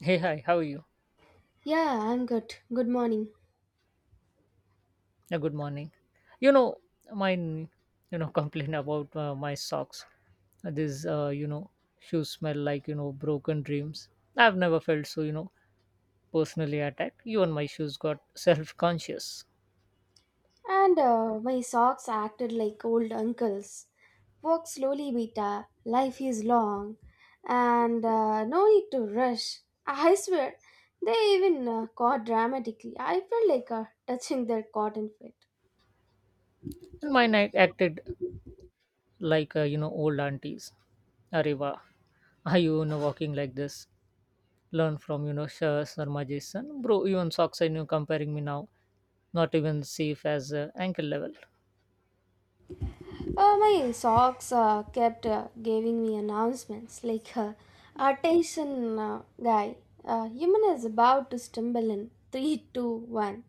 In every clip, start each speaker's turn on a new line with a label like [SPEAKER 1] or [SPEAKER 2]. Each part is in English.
[SPEAKER 1] Hey, hi, how are you?
[SPEAKER 2] Yeah, I'm good. Good morning.
[SPEAKER 1] Good morning. You know, Mine, complain about my socks. These, shoes smell like, broken dreams. I've never felt so, personally attacked. Even my shoes got self conscious.
[SPEAKER 2] And My socks acted like old uncles. Walk slowly, beta. Life is long. And No need to rush. I swear, they even caught dramatically. I felt like touching their cotton fit.
[SPEAKER 1] And mine acted like, old aunties. Areva, are you, walking like this? Learn from, Shah Sarma Jason. Bro, even socks are, comparing me now. Not even safe as ankle level.
[SPEAKER 2] My socks kept giving me announcements like, attention, guy, human is about to stumble in three, two, one,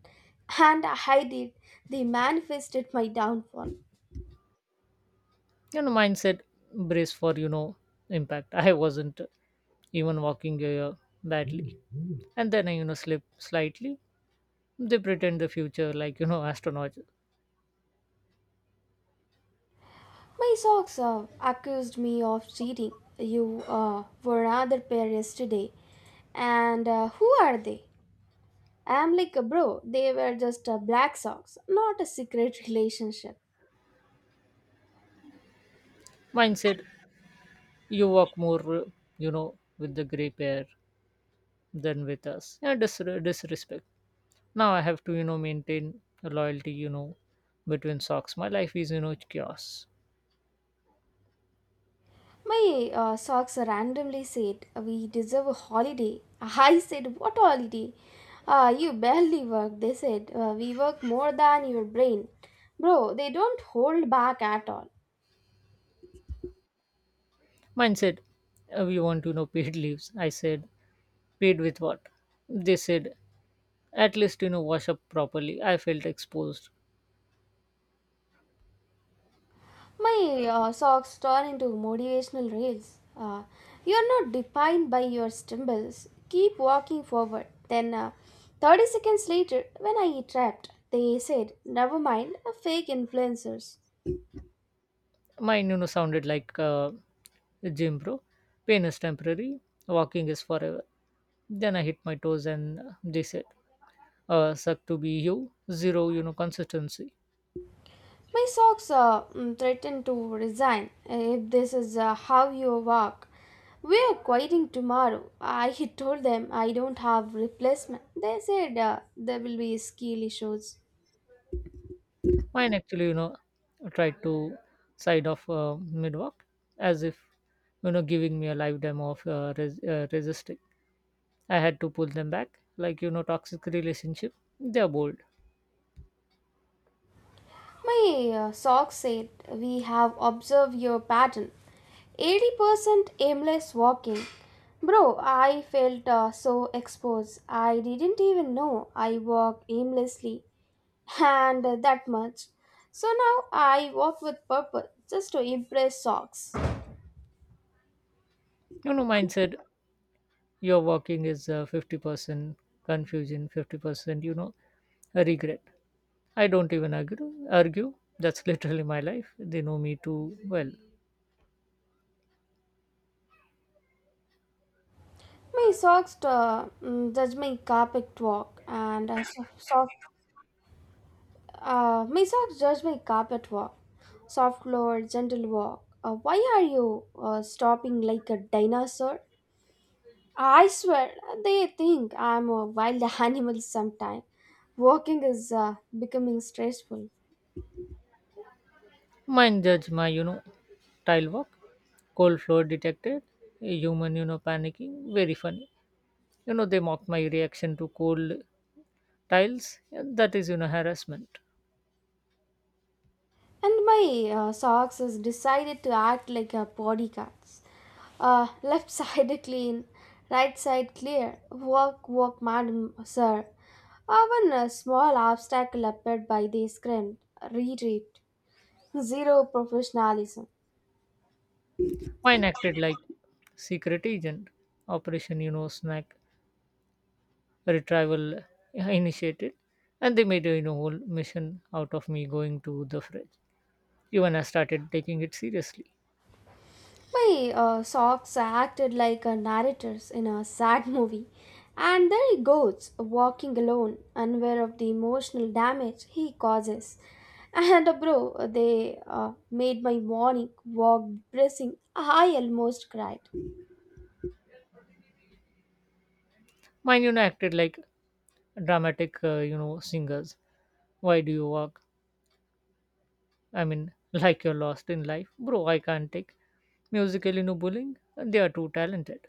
[SPEAKER 2] and I did. They manifested my downfall.
[SPEAKER 1] Mindset. Brace for impact. I wasn't even walking badly, and then I slip slightly. They pretend the future like astronauts.
[SPEAKER 2] My socks accused me of cheating. You were another pair yesterday. And who are they? I'm like, bro, they were just black socks, not a secret relationship.
[SPEAKER 1] Astronaut said, you walk more with the gray pair than with us. Yeah, disrespect. Now I have to maintain a loyalty between socks. My life is chaos.
[SPEAKER 2] My socks randomly said, "We deserve a holiday." I said, "What holiday? You barely work." They said, We work more than your brain." Bro, they don't hold back at all.
[SPEAKER 1] Mindset, we want to paid leaves. I said, paid with what? They said, at least, wash up properly. I felt exposed.
[SPEAKER 2] My socks turn into motivational rails. You're not defined by your stumbles. Keep walking forward. Then, 30 seconds later, when I trapped, they said, "Never mind, fake influencers."
[SPEAKER 1] Mine, sounded like a gym bro. Pain is temporary, walking is forever. Then I hit my toes and they said, suck to be you, zero, consistency.
[SPEAKER 2] My socks threaten to resign if this is how you walk. We are quitting tomorrow. I told them I don't have replacement. They said there will be skill issues.
[SPEAKER 1] Mine actually, tried to side of mid walk as if, giving me a live demo of resisting. I had to pull them back, like, toxic relationship. They're bold.
[SPEAKER 2] My socks said we have observed your pattern. 80% aimless walking. Bro, I felt so exposed. I didn't even know I walked aimlessly and that much. So now I walk with purpose just to impress socks.
[SPEAKER 1] Mine said, your walking is 50% confusion, 50% a regret. I don't even argue. That's literally my life. They know me too well.
[SPEAKER 2] My socks judge my carpet walk and soft. My socks judge my carpet walk, soft floor, gentle walk. Why are you stopping like a dinosaur? I swear they think I'm a wild animal sometime. Walking is becoming stressful.
[SPEAKER 1] Mine judge my tile walk. Cold floor detected, a human panicking. Very funny. They mocked my reaction to cold tiles. That is harassment.
[SPEAKER 2] And my socks has decided to act like a bodyguards. Left side clean, right side clear. Walk, walk, madam, sir. Even a small obstacle appeared by the scrim. Retreat. Zero professionalism.
[SPEAKER 1] Mine acted like secret agent. Operation snack retrieval initiated. And they made a whole mission out of me going to the fridge. Even I started taking it seriously.
[SPEAKER 2] My socks acted like narrators in a sad movie. And there he goes, walking alone, unaware of the emotional damage he causes. And bro, they made my morning walk depressing. I almost cried.
[SPEAKER 1] Mine acted like dramatic, singers. Why do you walk, I mean, like you're lost in life? Bro, I can't take musical bullying. They are too talented.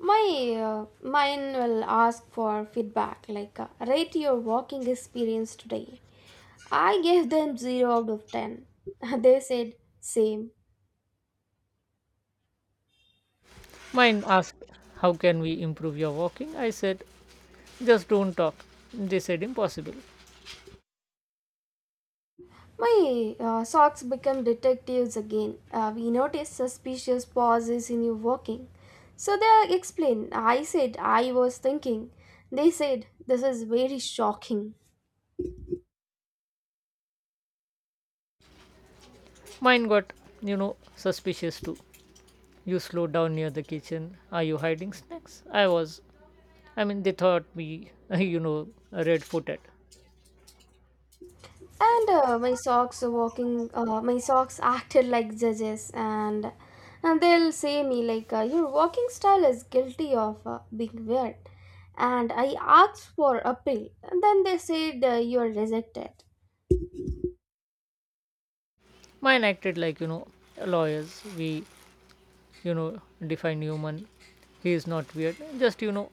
[SPEAKER 2] My uh, Mine will ask for feedback, like rate your walking experience today. I gave them 0 out of 10. They said, same.
[SPEAKER 1] Mine asked, how can we improve your walking? I said, just don't talk. They said, impossible.
[SPEAKER 2] My socks become detectives again. We notice suspicious pauses in your walking. So they explain. I said, I was thinking. They said, this is very shocking.
[SPEAKER 1] Mine got you know suspicious too. You slowed down near the kitchen. Are you hiding snacks? I was. I mean, they thought me, red footed.
[SPEAKER 2] And my socks are walking, My socks acted like judges, and they'll say me like, your walking style is guilty of being weird. And I asked for appeal, and then they said you are rejected.
[SPEAKER 1] Mine acted like, lawyers. We, define human. He is not weird, just,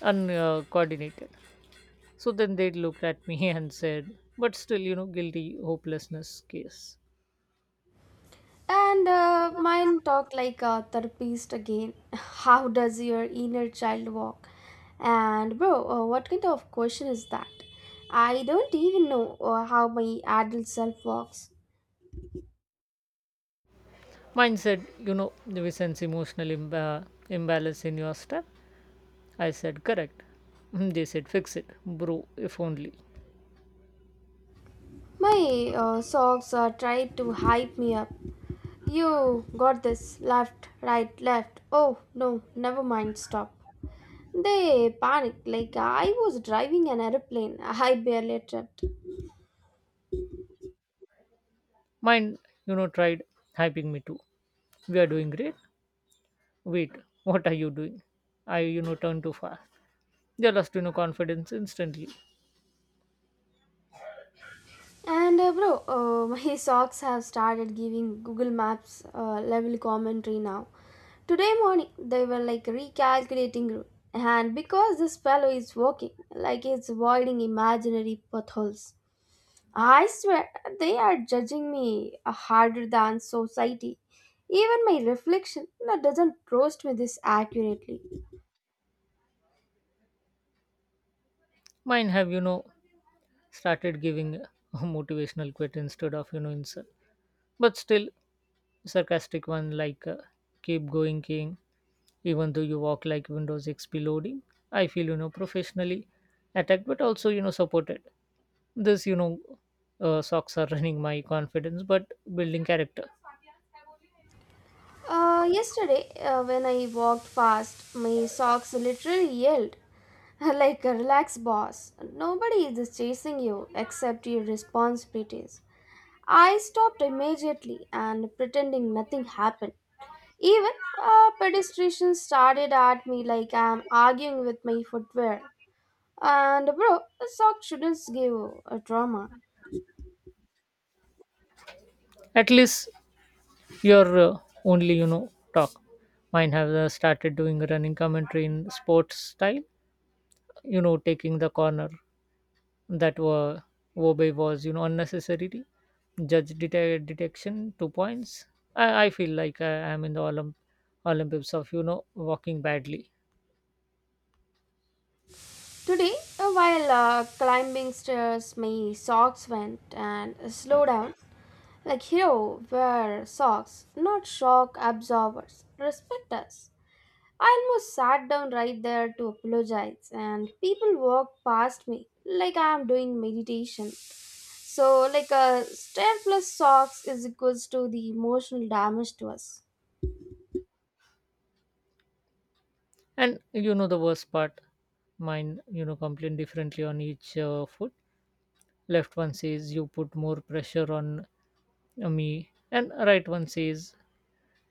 [SPEAKER 1] uncoordinated. So then they looked at me and said, but still, guilty hopelessness case.
[SPEAKER 2] And Mine talk like a therapist again. How does your inner child walk? And bro, what kind of question is that? I don't even know how my adult self walks.
[SPEAKER 1] Mine said, we sense emotional imbalance in your step. I said, correct. They said, fix it, bro, if only.
[SPEAKER 2] My socks try to hype me up. You got this. Left, right, left. Oh no, never mind. Stop. They panicked like I was driving an airplane. I barely tripped.
[SPEAKER 1] Mine, tried hyping me too. We are doing great. Wait, what are you doing? I, turned too fast. They lost, confidence instantly.
[SPEAKER 2] And bro, my socks have started giving Google Maps level commentary now. Today morning, they were like recalculating route, and because this fellow is walking like he's avoiding imaginary potholes, I swear they are judging me harder than society. Even my reflection doesn't roast me this accurately.
[SPEAKER 1] Mine have, started giving a motivational quit instead of, insult. But still, sarcastic one like, keep going, king. Even though you walk like Windows XP loading, I feel, professionally attacked, but also, supported. This socks are running my confidence but building character.
[SPEAKER 2] Yesterday, when I walked past, my socks literally yelled, like, relax, boss. Nobody is chasing you except your responsibilities. I stopped immediately and pretending nothing happened. Even a pedestrian started at me like I'm arguing with my footwear. And bro, a sock shouldn't give a drama.
[SPEAKER 1] At least your only talk. Mine have started doing running commentary in sports style, taking the corner that were. Wobe was unnecessarily judge detection, 2 points. I feel like I am in the Olympics of walking badly.
[SPEAKER 2] Today, while climbing stairs, my socks went and slowed down. Like hero wear socks, not shock absorbers. Respect us. I almost sat down right there to apologize, and people walked past me like I am doing meditation. So, like a stare plus socks is equals to the emotional damage to us.
[SPEAKER 1] And the worst part, mine complain differently on each foot. Left one says, you put more pressure on me. And right one says,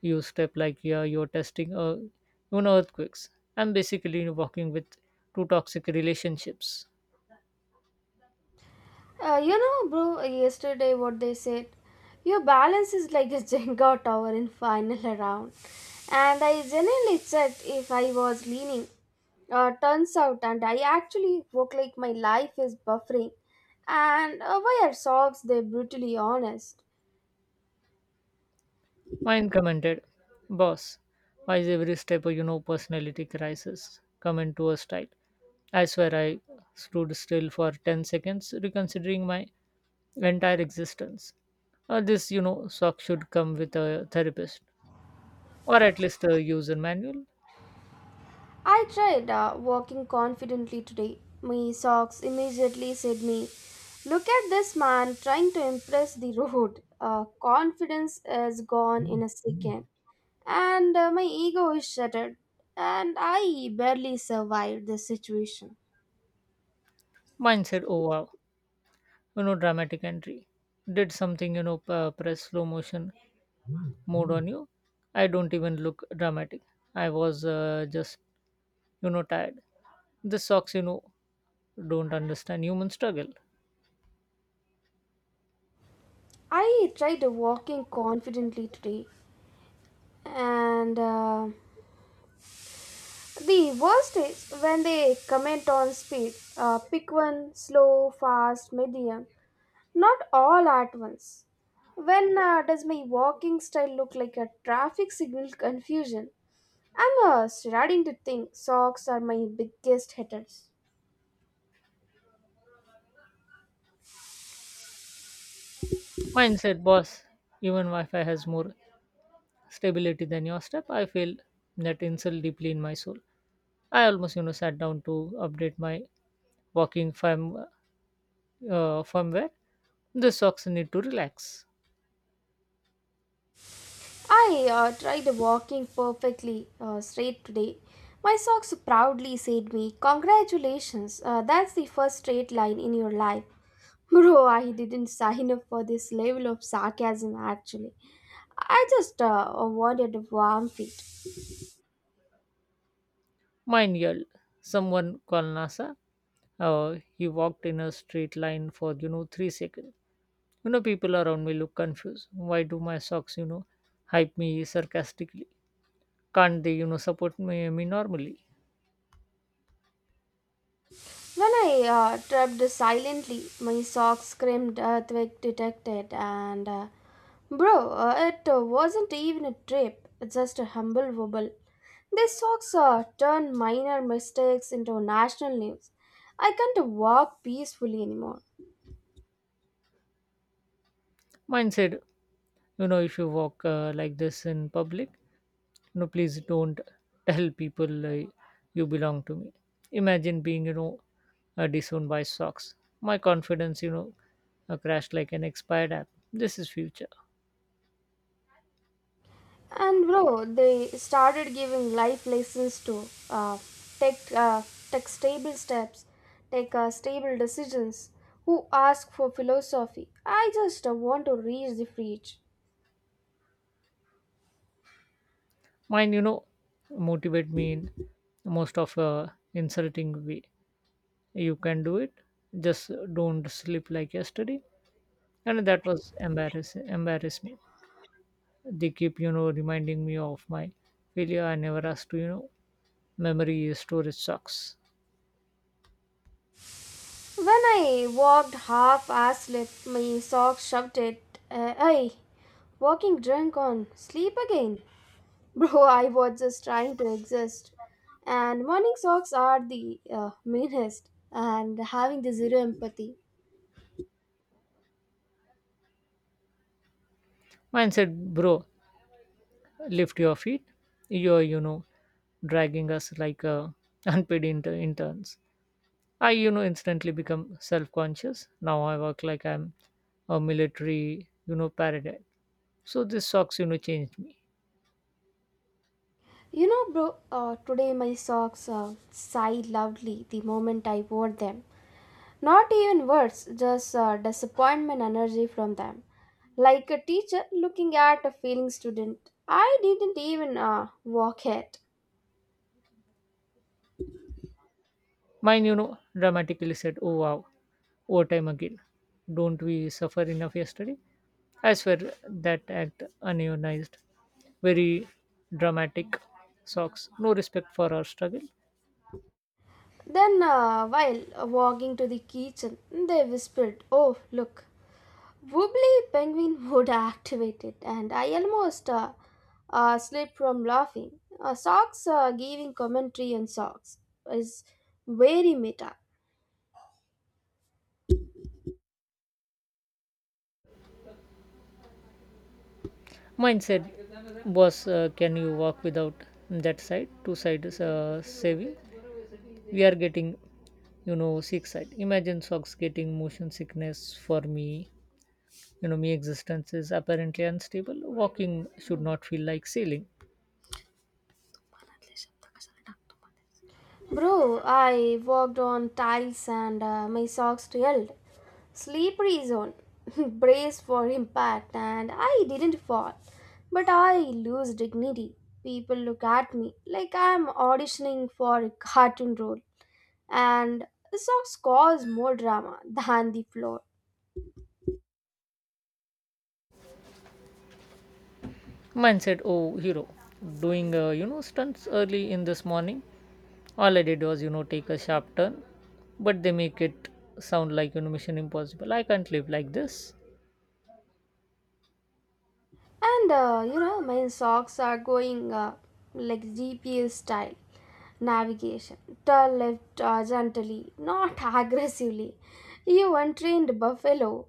[SPEAKER 1] you step like, yeah, you're testing earthquakes. I'm basically walking with two toxic relationships.
[SPEAKER 2] You know, bro, yesterday what they said, your balance is like a Jenga tower in final round. And I genuinely checked if I was leaning. Turns out, and I actually look like my life is buffering. And why are socks they brutally honest?
[SPEAKER 1] Mine commented, boss, why is every step a personality crisis come into a style? I swear I stood still for 10 seconds, reconsidering my entire existence. This, sock should come with a therapist or at least a user manual.
[SPEAKER 2] I tried walking confidently today. My socks immediately said me, look at this man trying to impress the road. Confidence is gone in a second. And my ego is shattered. And I barely survived the situation.
[SPEAKER 1] Mine said, oh wow, dramatic entry. Did something, press slow motion moved on you? I don't even look dramatic. I was just, tired. This socks, don't understand human struggle.
[SPEAKER 2] I tried walking confidently today. And the worst is when they comment on speed. Pick one, slow, fast, medium. Not all at once. When does my walking style look like a traffic signal confusion? I'm starting to think socks are my biggest hitters.
[SPEAKER 1] Mindset, boss. Even Wi Fi has more stability than your step. I feel that insult deeply in my soul. I almost, sat down to update my walking firmware. The socks need to relax.
[SPEAKER 2] I tried walking perfectly straight today. My socks proudly said me, congratulations, that's the first straight line in your life. Bro, I didn't sign up for this level of sarcasm actually. I just wanted warm feet.
[SPEAKER 1] Mine yelled, someone call NASA. He walked in a straight line for, 3 seconds. People around me look confused. Why do my socks, hype me sarcastically? Can't they, support me normally?
[SPEAKER 2] When I tripped silently, my socks screamed earthquake detected, and bro, it wasn't even a trip, just a humble wobble. These socks turn minor mistakes into national news. I can't walk peacefully anymore.
[SPEAKER 1] Mine said, if you walk like this in public, please don't tell people you belong to me. Imagine being, disowned by socks. My confidence, crashed like an expired app. This is future.
[SPEAKER 2] And bro, they started giving life lessons to take uh, take stable steps, take stable decisions. Who ask for philosophy? I just want to reach the fridge.
[SPEAKER 1] Mine, motivate me in most of a insulting way. You can do it, just don't sleep like yesterday. And that was embarrass me. They keep reminding me of my failure. I never asked to. Memory storage sucks.
[SPEAKER 2] When I walked half asleep, my sock shoved it. I walking drunk on sleep again. Bro, I was just trying to exist. And morning socks are the meanest and having the zero empathy.
[SPEAKER 1] Mine said, bro, lift your feet. You're dragging us like unpaid interns. I instantly become self-conscious. Now I work like I'm a military paradigm. So this socks changed me.
[SPEAKER 2] You know, bro, today my socks sighed loudly the moment I wore them. Not even words, just disappointment energy from them. Like a teacher looking at a failing student. I didn't even walk yet.
[SPEAKER 1] Mine, dramatically said, oh wow, overtime again. Don't we suffer enough yesterday? I swear that act unionized. Very dramatic socks. No respect for our struggle.
[SPEAKER 2] Then, while walking to the kitchen, they whispered, oh, look, Wobbly Penguin would activated, and I almost slipped from laughing. Socks giving commentary on socks is very meta.
[SPEAKER 1] Mine said, boss, can you walk without that side? Two sides saving. We are getting, sick side. Imagine socks getting motion sickness for me. Me existence is apparently unstable. Walking should not feel like sailing.
[SPEAKER 2] Bro, I walked on tiles and my socks yelled, slippery zone. Brace for impact and I didn't fall. But I lose dignity. People look at me like I'm auditioning for a cartoon role. And the socks cause more drama than the floor.
[SPEAKER 1] Mine said, oh, hero, doing, stunts early in this morning. All I did was, take a sharp turn, but they make it sound like, mission impossible. I can't live like this.
[SPEAKER 2] And you know, my socks are going like GPS style navigation. Turn left gently, not aggressively. You untrained buffalo.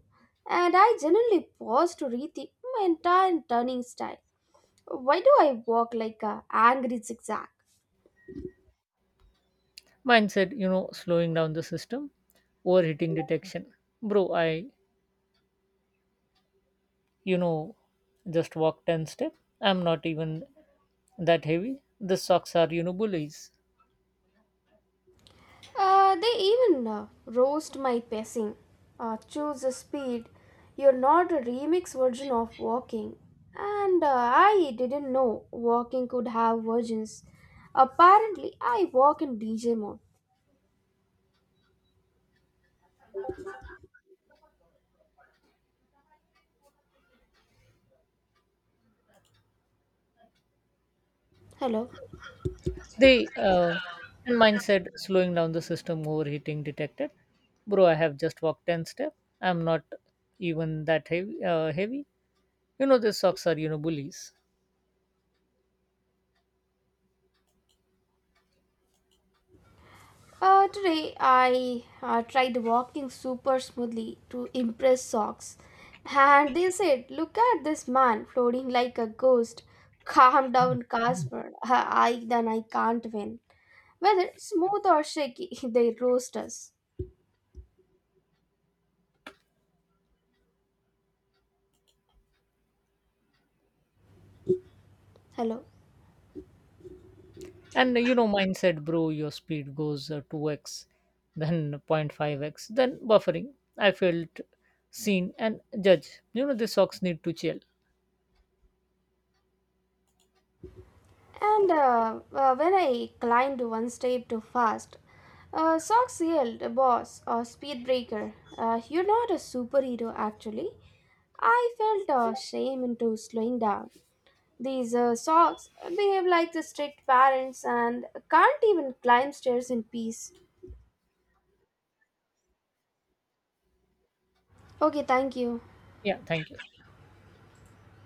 [SPEAKER 2] And I generally pause to rethink my entire turning style. Why do I walk like a angry zigzag?
[SPEAKER 1] Mine said, slowing down the system, overheating detection. Bro, I, you know, just walk 10 step. I'm not even that heavy. The socks are, bullies.
[SPEAKER 2] They even roast my pacing. Choose a speed. You're not a remix version of walking. And I didn't know walking could have versions. Apparently, I walk in DJ mode. Hello.
[SPEAKER 1] They and mine said, slowing down the system, overheating detected. Bro, I have just walked 10 steps. I'm not even that heavy. These socks are bullies.
[SPEAKER 2] Today, I tried walking super smoothly to impress socks. And they said, look at this man floating like a ghost. Calm down, Casper. I, then I can't win, whether smooth or shaky, they roast us. Hello.
[SPEAKER 1] And mine said, bro, your speed goes 2x, then 0.5x, then buffering. I felt seen and judged. These socks need to chill.
[SPEAKER 2] And when I climbed one step too fast, socks yelled, boss or speed breaker. You're not a superhero, actually. I felt shame into slowing down. These socks behave like the strict parents and can't even climb stairs in peace. Okay, thank you.
[SPEAKER 1] Yeah, thank you.